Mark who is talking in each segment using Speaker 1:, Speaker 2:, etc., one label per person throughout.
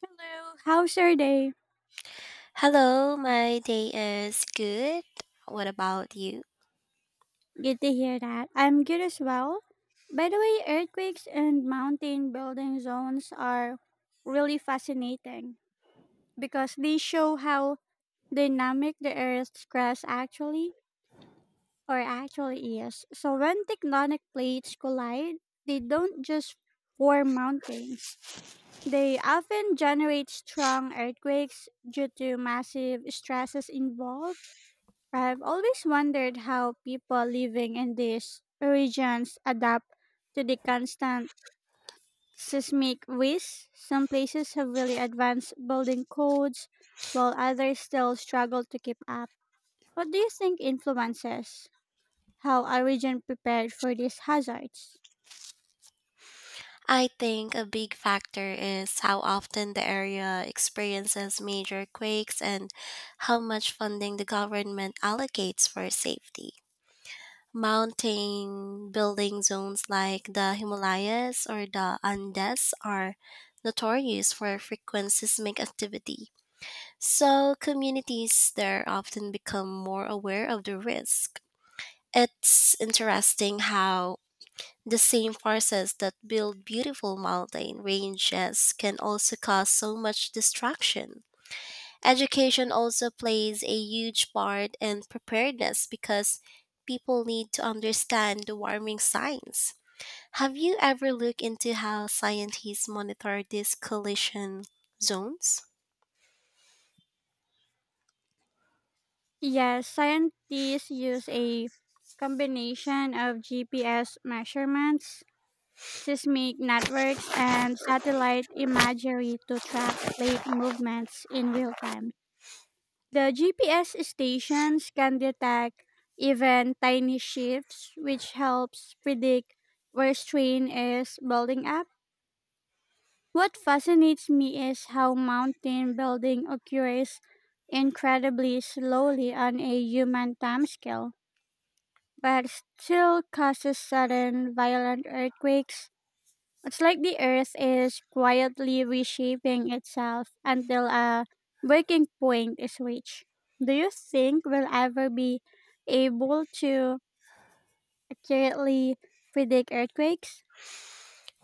Speaker 1: Hello, how's your day?
Speaker 2: Hello, my day is good. What about you?
Speaker 1: Good to hear that. I'm good as well. By the way, earthquakes and mountain building zones are really fascinating because they show how dynamic the Earth's crust actually is. So when tectonic plates collide, they don't just form mountains. They often generate strong earthquakes due to massive stresses involved. I've always wondered how people living in these regions adapt to the constant seismic risk. Some places have really advanced building codes, while others still struggle to keep up. What do you think influences how a region prepared for these hazards?
Speaker 2: I think a big factor is how often the area experiences major quakes and how much funding the government allocates for safety. Mountain building zones like the Himalayas or the Andes are notorious for frequent seismic activity, so communities there often become more aware of the risk. It's interesting how the same forces that build beautiful mountain ranges can also cause so much destruction. Education also plays a huge part in preparedness because people need to understand the warming signs. Have you ever looked into how scientists monitor these collision zones?
Speaker 1: Yes, scientists use a combination of GPS measurements, seismic networks, and satellite imagery to track plate movements in real time. The GPS stations can detect even tiny shifts, which helps predict where strain is building up. What fascinates me is how mountain building occurs incredibly slowly on a human timescale, but still causes sudden violent earthquakes. It's like the earth is quietly reshaping itself until a breaking point is reached. Do you think we'll ever be able to accurately predict earthquakes?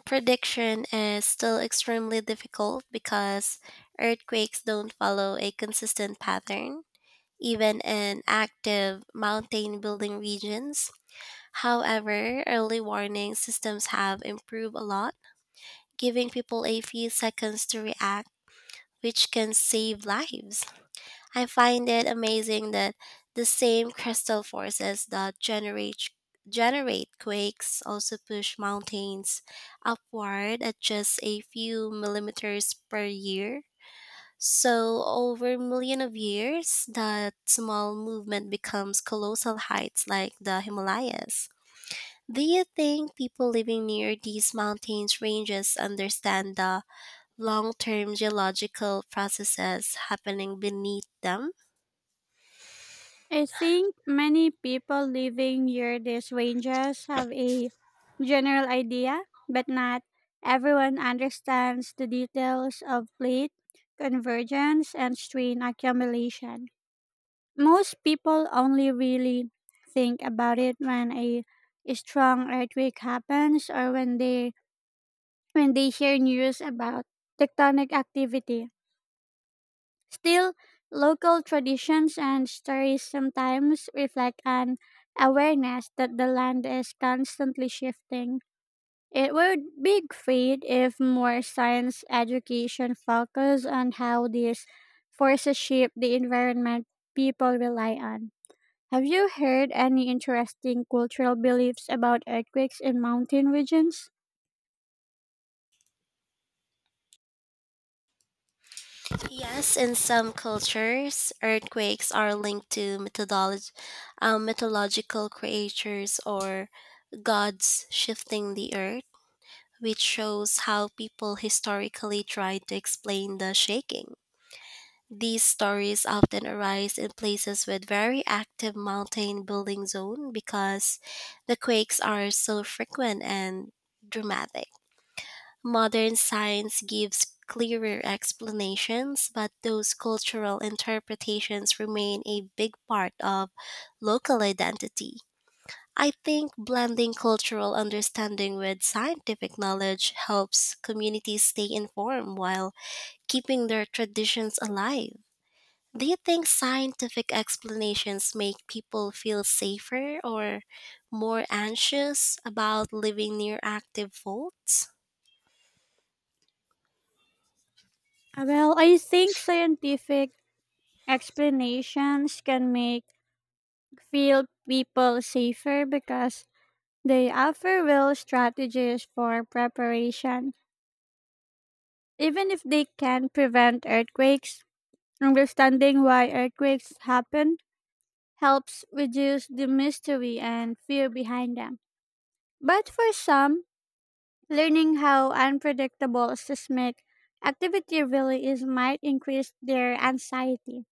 Speaker 2: Prediction is still extremely difficult because earthquakes don't follow a consistent pattern even in active mountain building regions. However, early warning systems have improved a lot, giving people a few seconds to react, which can save lives. I find it amazing that the same crystal forces that generate quakes also push mountains upward at just a few millimeters per year, so over million of years, that small movement becomes colossal heights like the Himalayas. Do you think people living near these mountains ranges understand the long-term geological processes happening beneath them?
Speaker 1: I think many people living near these ranges have a general idea, but not everyone understands the details of plate convergence and strain accumulation. Most people only really think about it when a strong earthquake happens or when they hear news about tectonic activity. Still, local traditions and stories sometimes reflect an awareness that the land is constantly shifting. It would be great if more science education focused on how these forces shape the environment people rely on. Have you heard any interesting cultural beliefs about earthquakes in mountain regions?
Speaker 2: Yes, in some cultures, earthquakes are linked to mythological creatures or gods shifting the earth, which shows how people historically tried to explain the shaking. These stories often arise in places with very active mountain building zone because the quakes are so frequent and dramatic. Modern science gives clearer explanations, but those cultural interpretations remain a big part of local identity. I think blending cultural understanding with scientific knowledge helps communities stay informed while keeping their traditions alive. Do you think scientific explanations make people feel safer or more anxious about living near active faults?
Speaker 1: Well, I think scientific explanations can make field people safer because they offer real strategies for preparation. Even if they can prevent earthquakes, understanding why earthquakes happen helps reduce the mystery and fear behind them. But for some, learning how unpredictable seismic activity really is might increase their anxiety.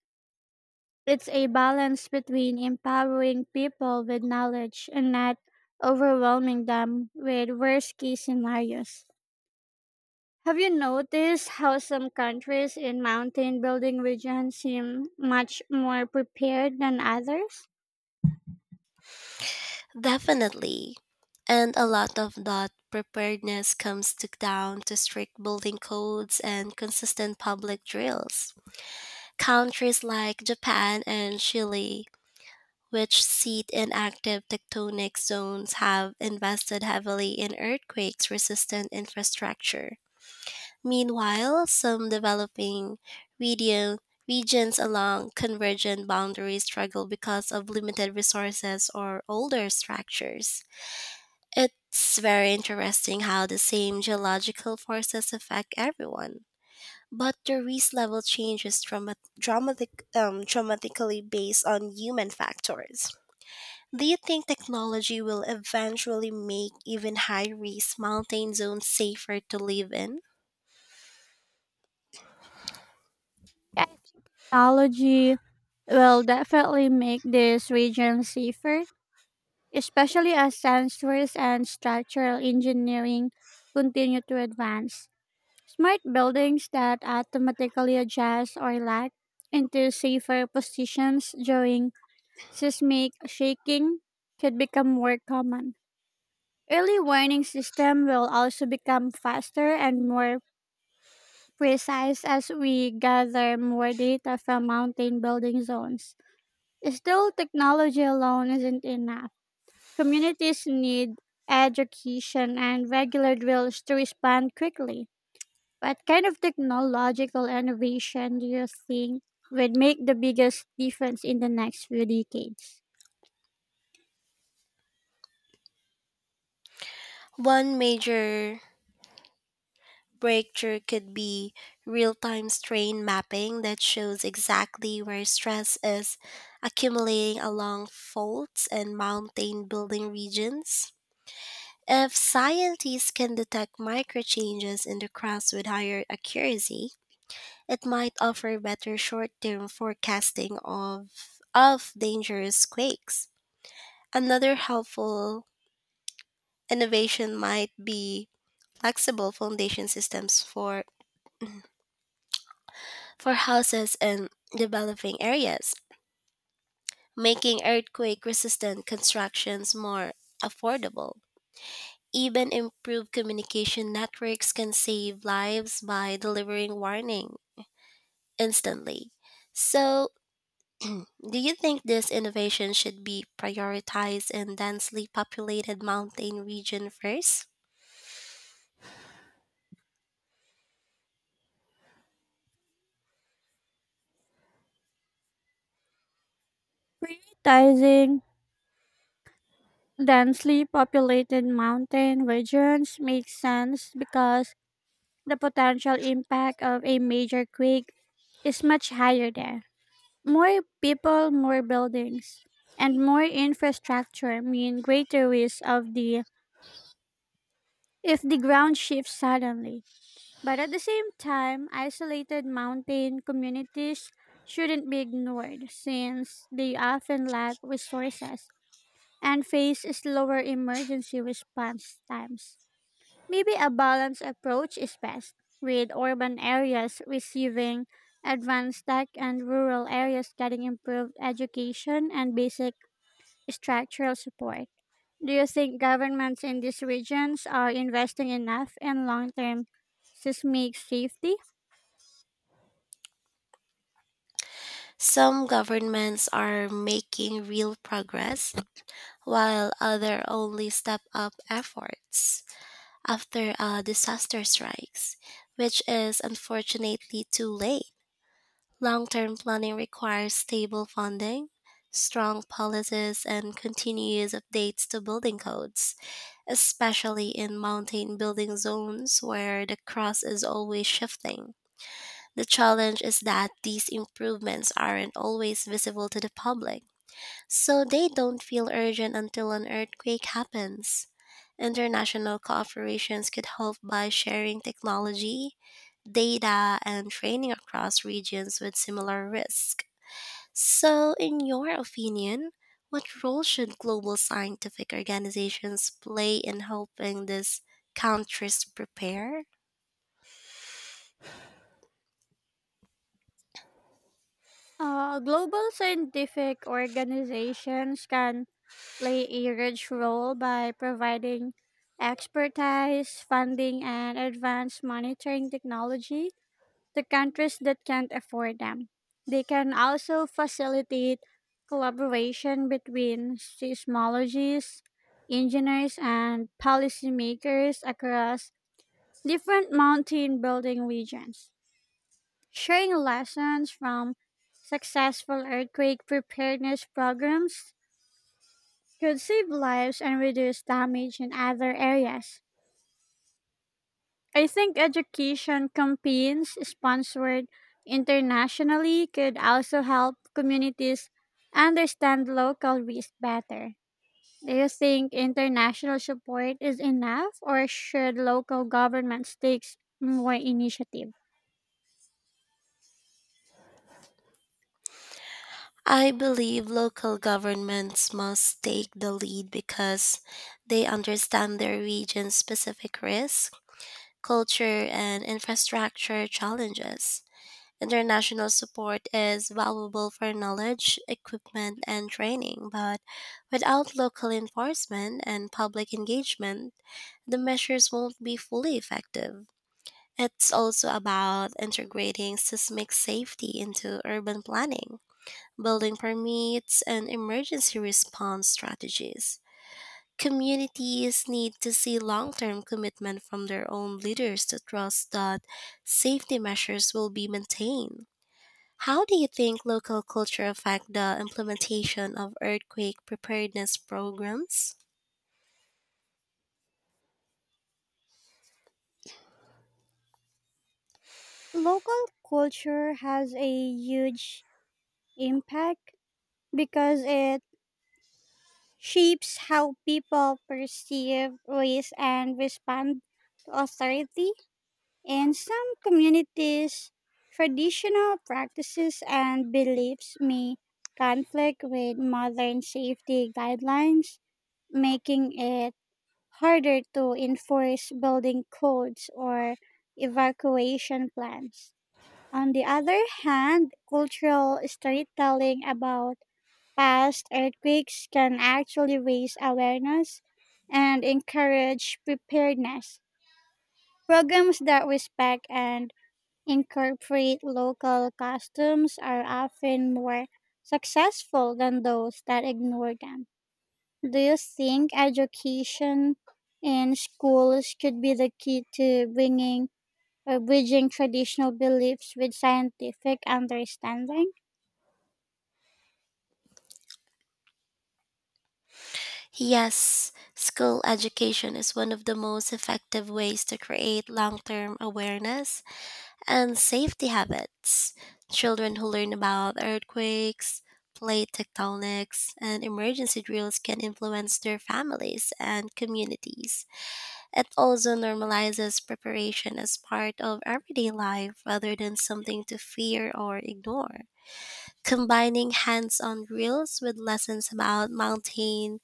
Speaker 1: It's a balance between empowering people with knowledge and not overwhelming them with worst case scenarios. Have you noticed how some countries in mountain building regions seem much more prepared than others?
Speaker 2: Definitely. And a lot of that preparedness comes to down to strict building codes and consistent public drills. Countries like Japan and Chile, which sit in active tectonic zones, have invested heavily in earthquakes resistant infrastructure. Meanwhile, some region, regions along convergent boundaries struggle because of limited resources or older structures. It's very interesting how the same geological forces affect everyone, but the risk level changes dramatically based on human factors. Do you think technology will eventually make even high risk mountain zones safer to live in?
Speaker 1: Yeah, I think technology will definitely make these regions safer, especially as sensors and structural engineering continue to advance. Smart buildings that automatically adjust or lag into safer positions during seismic shaking could become more common. Early warning system will also become faster and more precise as we gather more data from mountain building zones. Still, technology alone isn't enough. Communities need education and regular drills to respond quickly. What kind of technological innovation do you think would make the biggest difference in the next few decades?
Speaker 2: One major breakthrough could be real time strain mapping that shows exactly where stress is accumulating along faults and mountain building regions. If scientists can detect micro changes in the crops with higher accuracy, it might offer better short-term forecasting of dangerous quakes. Another helpful innovation might be flexible foundation systems for houses in developing areas, making earthquake-resistant constructions more affordable. Even improved communication networks can save lives by delivering warning instantly. So, do you think this innovation should be prioritized in densely populated mountain region first?
Speaker 1: Prioritizing densely populated mountain regions makes sense because the potential impact of a major quake is much higher there. More people, more buildings, and more infrastructure mean greater risk of the if the ground shifts suddenly. But at the same time, isolated mountain communities shouldn't be ignored since they often lack resources and face slower emergency response times. Maybe a balanced approach is best, with urban areas receiving advanced tech and rural areas getting improved education and basic structural support. Do you think governments in these regions are investing enough in long term seismic safety?
Speaker 2: Some governments are making real progress while others only step up efforts after a disaster strikes, which is unfortunately too late. Long-term planning requires stable funding, strong policies and continuous updates to building codes, especially in mountain building zones where the crust is always shifting. The challenge is that these improvements aren't always visible to the public, so they don't feel urgent until an earthquake happens. International cooperations could help by sharing technology, data, and training across regions with similar risk. So, in your opinion, what role should global scientific organizations play in helping these countries prepare?
Speaker 1: Global scientific organizations can play a huge role by providing expertise, funding, and advanced monitoring technology to countries that can't afford them. They can also facilitate collaboration between seismologists, engineers, and policymakers across different mountain building regions. Sharing lessons from successful earthquake preparedness programs could save lives and reduce damage in other areas. I think education campaigns sponsored internationally could also help communities understand local risk better. Do you think international support is enough, or should local governments take more initiative?
Speaker 2: I believe local governments must take the lead because they understand their region's specific risk, culture, and infrastructure challenges. International support is valuable for knowledge, equipment, and training, but without local enforcement and public engagement, the measures won't be fully effective. It's also about integrating seismic safety into urban planning, building permits, and emergency response strategies. Communities need to see long term commitment from their own leaders to trust that safety measures will be maintained. How do you think local culture affect the implementation of earthquake preparedness programs?
Speaker 1: Local culture has a huge impact because it shapes how people perceive risk and respond to authority. In some communities, traditional practices and beliefs may conflict with modern safety guidelines, making it harder to enforce building codes or evacuation plans. On the other hand, cultural storytelling about past earthquakes can actually raise awareness and encourage preparedness. Programs that respect and incorporate local customs are often more successful than those that ignore them. Do you think education in schools could be the key to bringing or bridging traditional beliefs with scientific understanding?
Speaker 2: Yes, school education is one of the most effective ways to create long-term awareness and safety habits. Children who learn about earthquakes, plate tectonics, and emergency drills can influence their families and communities. It also normalizes preparation as part of everyday life rather than something to fear or ignore. Combining hands on reels with lessons about mountain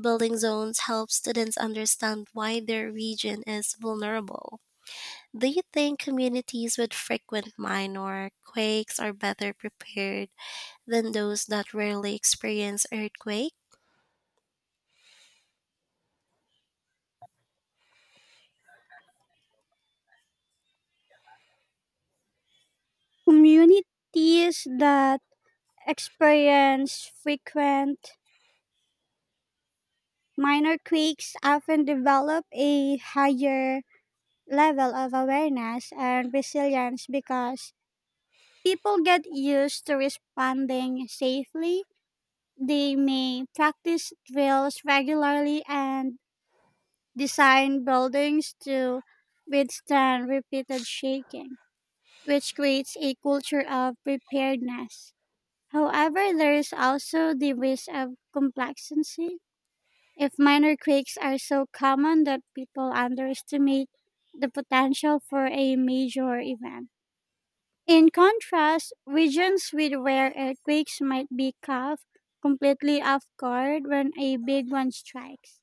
Speaker 2: building zones helps students understand why their region is vulnerable. Do you think communities with frequent minor quakes are better prepared than those that rarely experience earthquakes?
Speaker 1: Communities that experience frequent minor quakes often develop a higher level of awareness and resilience because people get used to responding safely. They may practice drills regularly and design buildings to withstand repeated shaking, which creates a culture of preparedness. However, there is also the risk of complacency if minor quakes are so common that people underestimate the potential for a major event. In contrast, regions with rare earthquakes might be caught completely off guard when a big one strikes.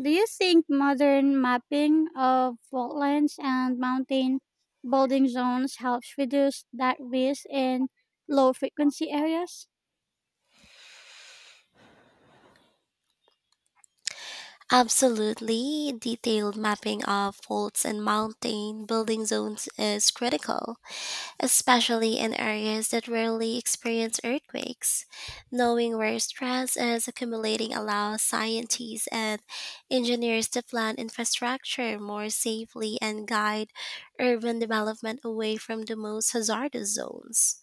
Speaker 1: Do you think modern mapping of fault lines and mountain building zones helps reduce that risk in low frequency areas?
Speaker 2: Absolutely, detailed mapping of faults and mountain building zones is critical, especially in areas that rarely experience earthquakes. Knowing where stress is accumulating allows scientists and engineers to plan infrastructure more safely and guide urban development away from the most hazardous zones.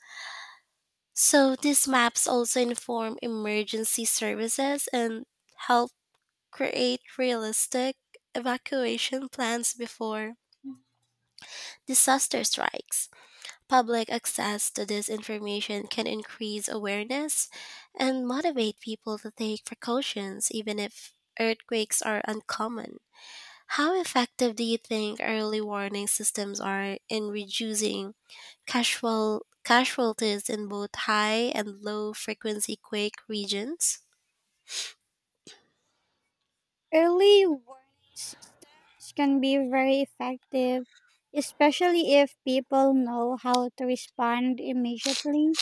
Speaker 2: So, these maps also inform emergency services and help create realistic evacuation plans before disaster strikes. Public access to this information can increase awareness and motivate people to take precautions even if earthquakes are uncommon. How effective do you think early warning systems are in reducing casualties in both high and low frequency quake regions?
Speaker 1: Early warning systems can be very effective, especially if people know how to respond immediately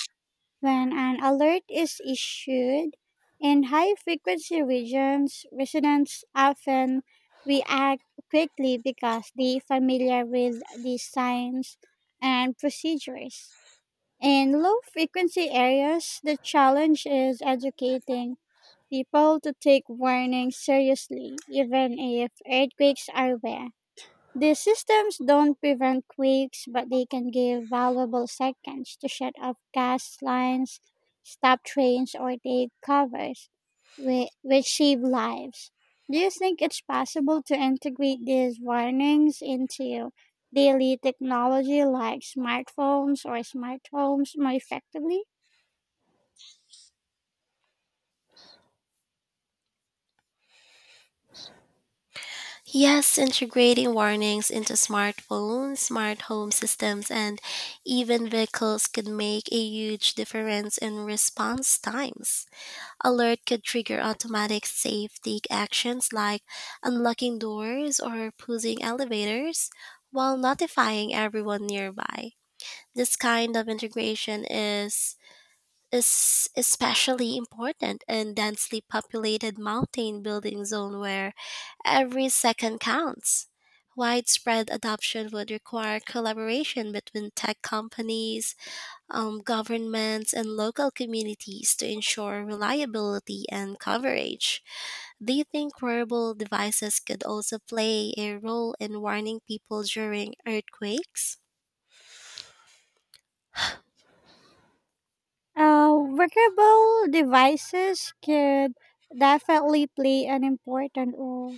Speaker 1: when an alert is issued. In high frequency regions, residents often react quickly because they familiar with the signs and procedures. In low frequency areas, the challenge is educating people to take warnings seriously, even if earthquakes are rare. These systems don't prevent quakes, but they can give valuable seconds to shut off gas lines, stop trains, or take covers, which save lives. Do you think it's possible to integrate these warnings into daily technology like smartphones or smart homes more effectively?
Speaker 2: Yes, integrating warnings into smartphones, smart home systems, and even vehicles could make a huge difference in response times. Alert could trigger automatic safety actions like unlocking doors or pausing elevators while notifying everyone nearby. This kind of integration is especially important in densely populated mountain building zone where every second counts. Widespread adoption would require collaboration between tech companies, governments, and local communities to ensure reliability and coverage. Do you think wearable devices could also play a role in warning people during earthquakes?
Speaker 1: Wearable devices could definitely play an important role,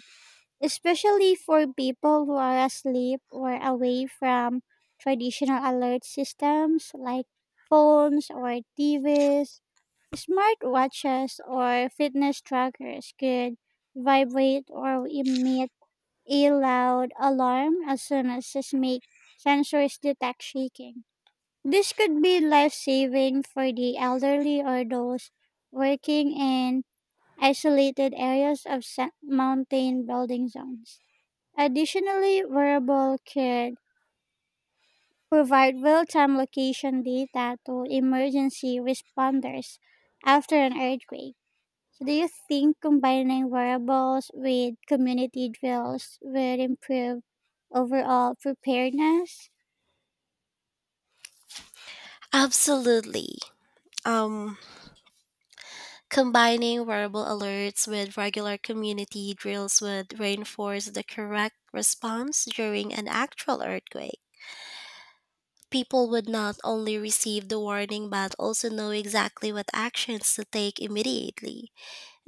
Speaker 1: especially for people who are asleep or away from traditional alert systems like phones or TVs. Smartwatches or fitness trackers could vibrate or emit a loud alarm as soon as it makes sensors detect shaking. This could be life saving for the elderly or those working in isolated areas of mountain building zones. Additionally, wearable could provide real time location data to emergency responders after an earthquake. So, do you think combining wearables with community drills would improve overall preparedness?
Speaker 2: Absolutely. Um, Combining wearable alerts with regular community drills would reinforce the correct response during an actual earthquake. People would not only receive the warning but also know exactly what actions to take immediately.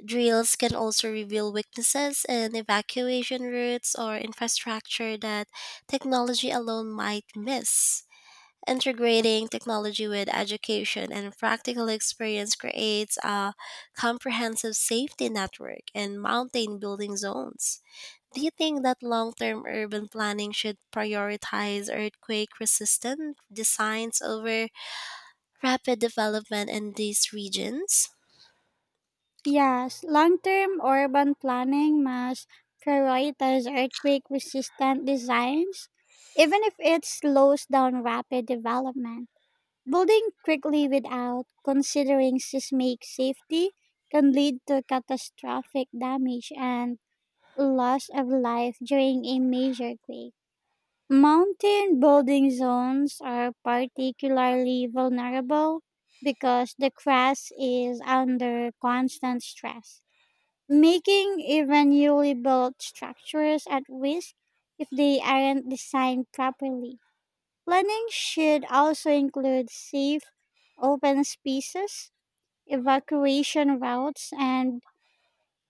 Speaker 2: Drills can also reveal weaknesses in evacuation routes or infrastructure that technology alone might miss. Integrating technology with education and practical experience creates a comprehensive safety network and mountain building zones. Do you think that long term urban planning should prioritize earthquake resistant designs over rapid development in these regions?
Speaker 1: Yes, long term urban planning must prioritize earthquake resistant designs, even if it slows down rapid development. Building quickly without considering seismic safety can lead to catastrophic damage and loss of life during a major quake. Mountain building zones are particularly vulnerable because the crust is under constant stress, making even newly built structures at risk if they aren't designed properly. Planning should also include safe, open spaces, evacuation routes, and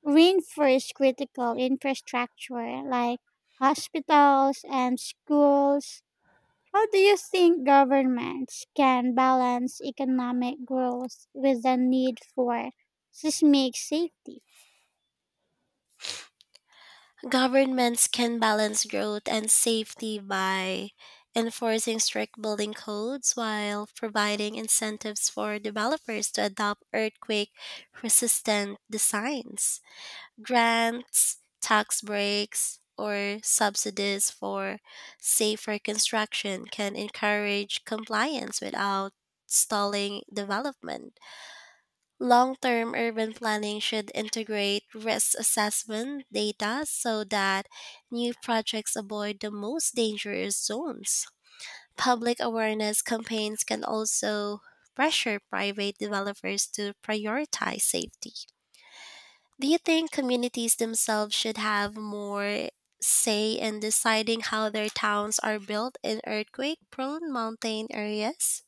Speaker 1: reinforce critical infrastructure like hospitals and schools. How do you think governments can balance economic growth with the need for seismic safety?
Speaker 2: Governments can balance growth and safety by enforcing strict building codes while providing incentives for developers to adopt earthquake resistant designs. Grants, tax breaks, or subsidies for safer construction can encourage compliance without stalling development. Long term urban planning should integrate risk assessment data so that new projects avoid the most dangerous zones. Public awareness campaigns can also pressure private developers to prioritize safety. Do you think communities themselves should have more say in deciding how their towns are built in earthquake prone mountain areas?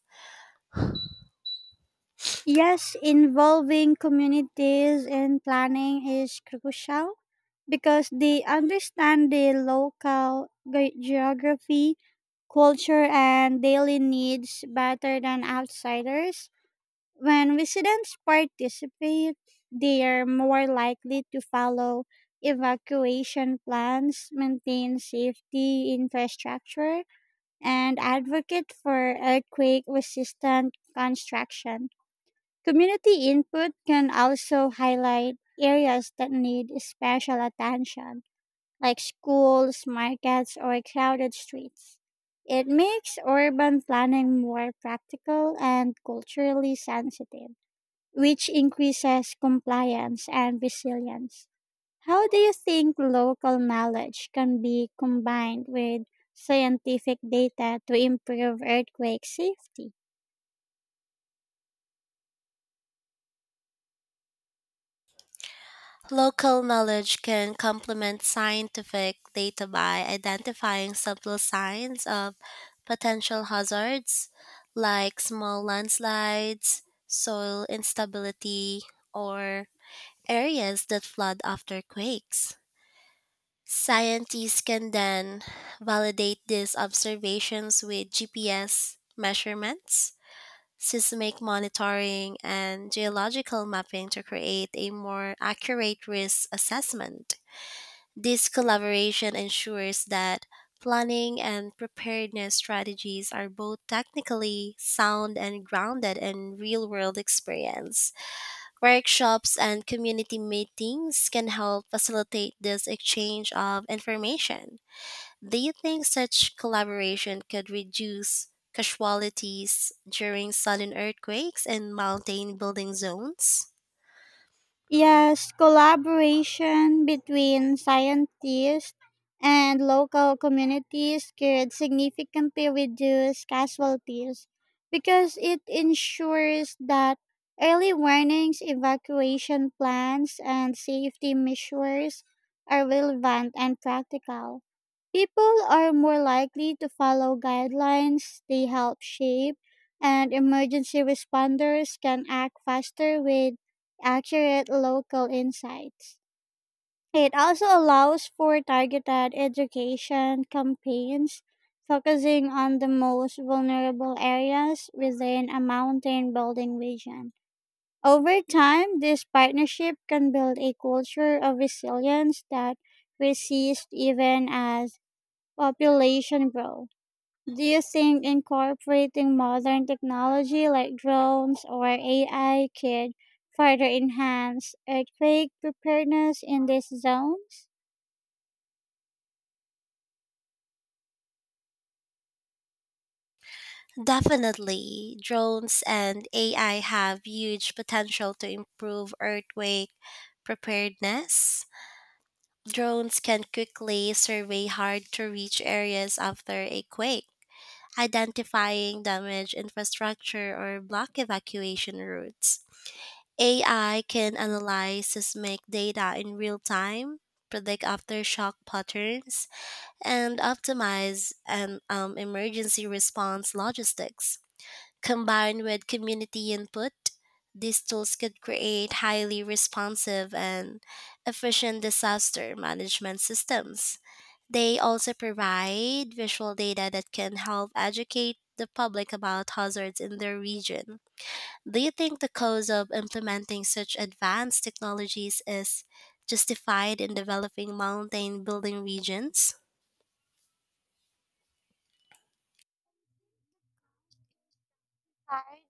Speaker 1: Yes, involving communities in planning is crucial because they understand the local geography, culture, and daily needs better than outsiders. When residents participate, they are more likely to follow evacuation plans, maintain safety infrastructure, and advocate for earthquake resistant construction. Community input can also highlight areas that need special attention, like schools, markets, or crowded streets. It makes urban planning more practical and culturally sensitive, which increases compliance and resilience. How do you think local knowledge can be combined with scientific data to improve earthquake safety?
Speaker 2: Local knowledge can complement scientific data by identifying subtle signs of potential hazards like small landslides, soil instability, or areas that flood after quakes. Scientists can then validate these observations with GPS measurements, seismic monitoring, and geological mapping to create a more accurate risk assessment. This collaboration ensures that planning and preparedness strategies are both technically sound and grounded in real world experience. Workshops and community meetings can help facilitate this exchange of information. Do you think such collaboration could reduce casualties during sudden earthquakes in mountain building zones?
Speaker 1: Yes, collaboration between scientists and local communities could significantly reduce casualties because it ensures that early warnings, evacuation plans, and safety measures are relevant and practical. People are more likely to follow guidelines they help shape, and emergency responders can act faster with accurate local insights. It also allows for targeted education campaigns focusing on the most vulnerable areas within a mountain building vision. Over time, this partnership can build a culture of resilience that resists even as population growth. Do you think incorporating modern technology like drones or AI could further enhance earthquake preparedness in these zones?
Speaker 2: Definitely, drones and AI have huge potential to improve earthquake preparedness. Drones can quickly survey hard to reach areas after a quake, identifying damaged infrastructure or block evacuation routes. AI can analyze seismic data in real time, predict aftershock patterns, and optimize an emergency response logistics. Combined with community input, these tools could create highly responsive and efficient disaster management systems. They also provide visual data that can help educate the public about hazards in their region. Do you think the cost of implementing such advanced technologies is justified in developing mountain building regions?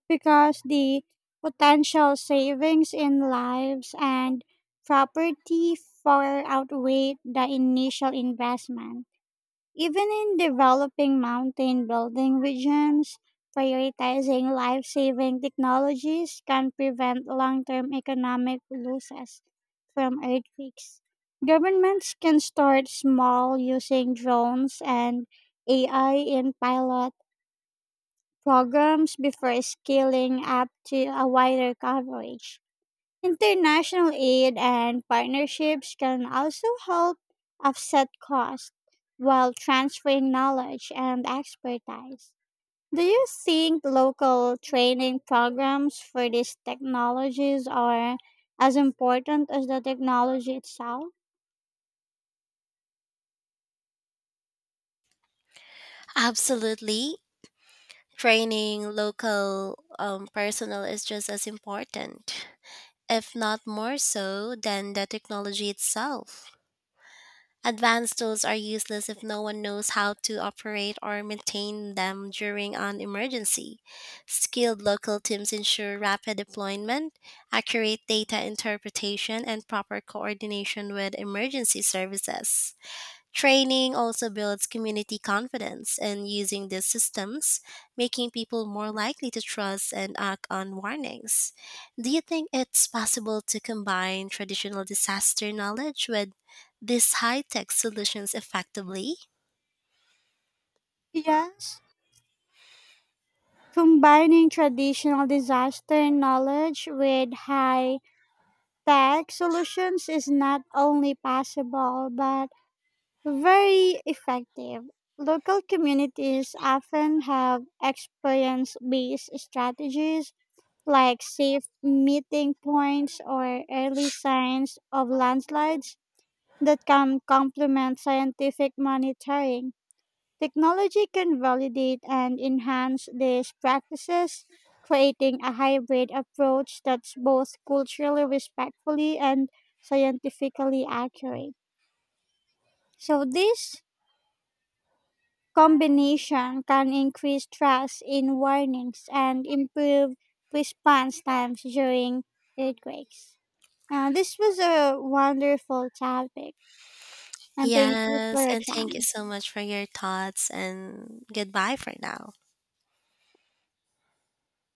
Speaker 1: Because the potential savings in lives and property far outweigh the initial investment. Even in developing mountain building regions, prioritizing life saving technologies can prevent long term economic losses from earthquakes. Governments can start small using drones and AI in pilot programs before scaling up to a wider coverage. International aid and partnerships can also help offset costs while transferring knowledge and expertise. Do you think local training programs for these technologies are as important as the technology itself?
Speaker 2: Absolutely. Training local personnel is just as important, if not more so, than the technology itself. Advanced tools are useless if no one knows how to operate or maintain them during an emergency. Skilled local teams ensure rapid deployment, accurate data interpretation, and proper coordination with emergency services. Training also builds community confidence in using these systems, making people more likely to trust and act on warnings. Do you think it's possible to combine traditional disaster knowledge with these high tech solutions effectively?
Speaker 1: Yes, combining traditional disaster knowledge with high tech solutions is not only possible but very effective. Local communities often have experience based strategies like safe meeting points or early signs of landslides that can complement scientific monitoring. Technology can validate and enhance these practices, creating a hybrid approach that's both culturally respectfully and scientifically accurate. So, this combination can increase trust in warnings and improve response times during earthquakes. This was a wonderful topic, and thank you for
Speaker 2: Yes,
Speaker 1: your
Speaker 2: and thank you
Speaker 1: time.
Speaker 2: so much for your thoughts, and goodbye for now.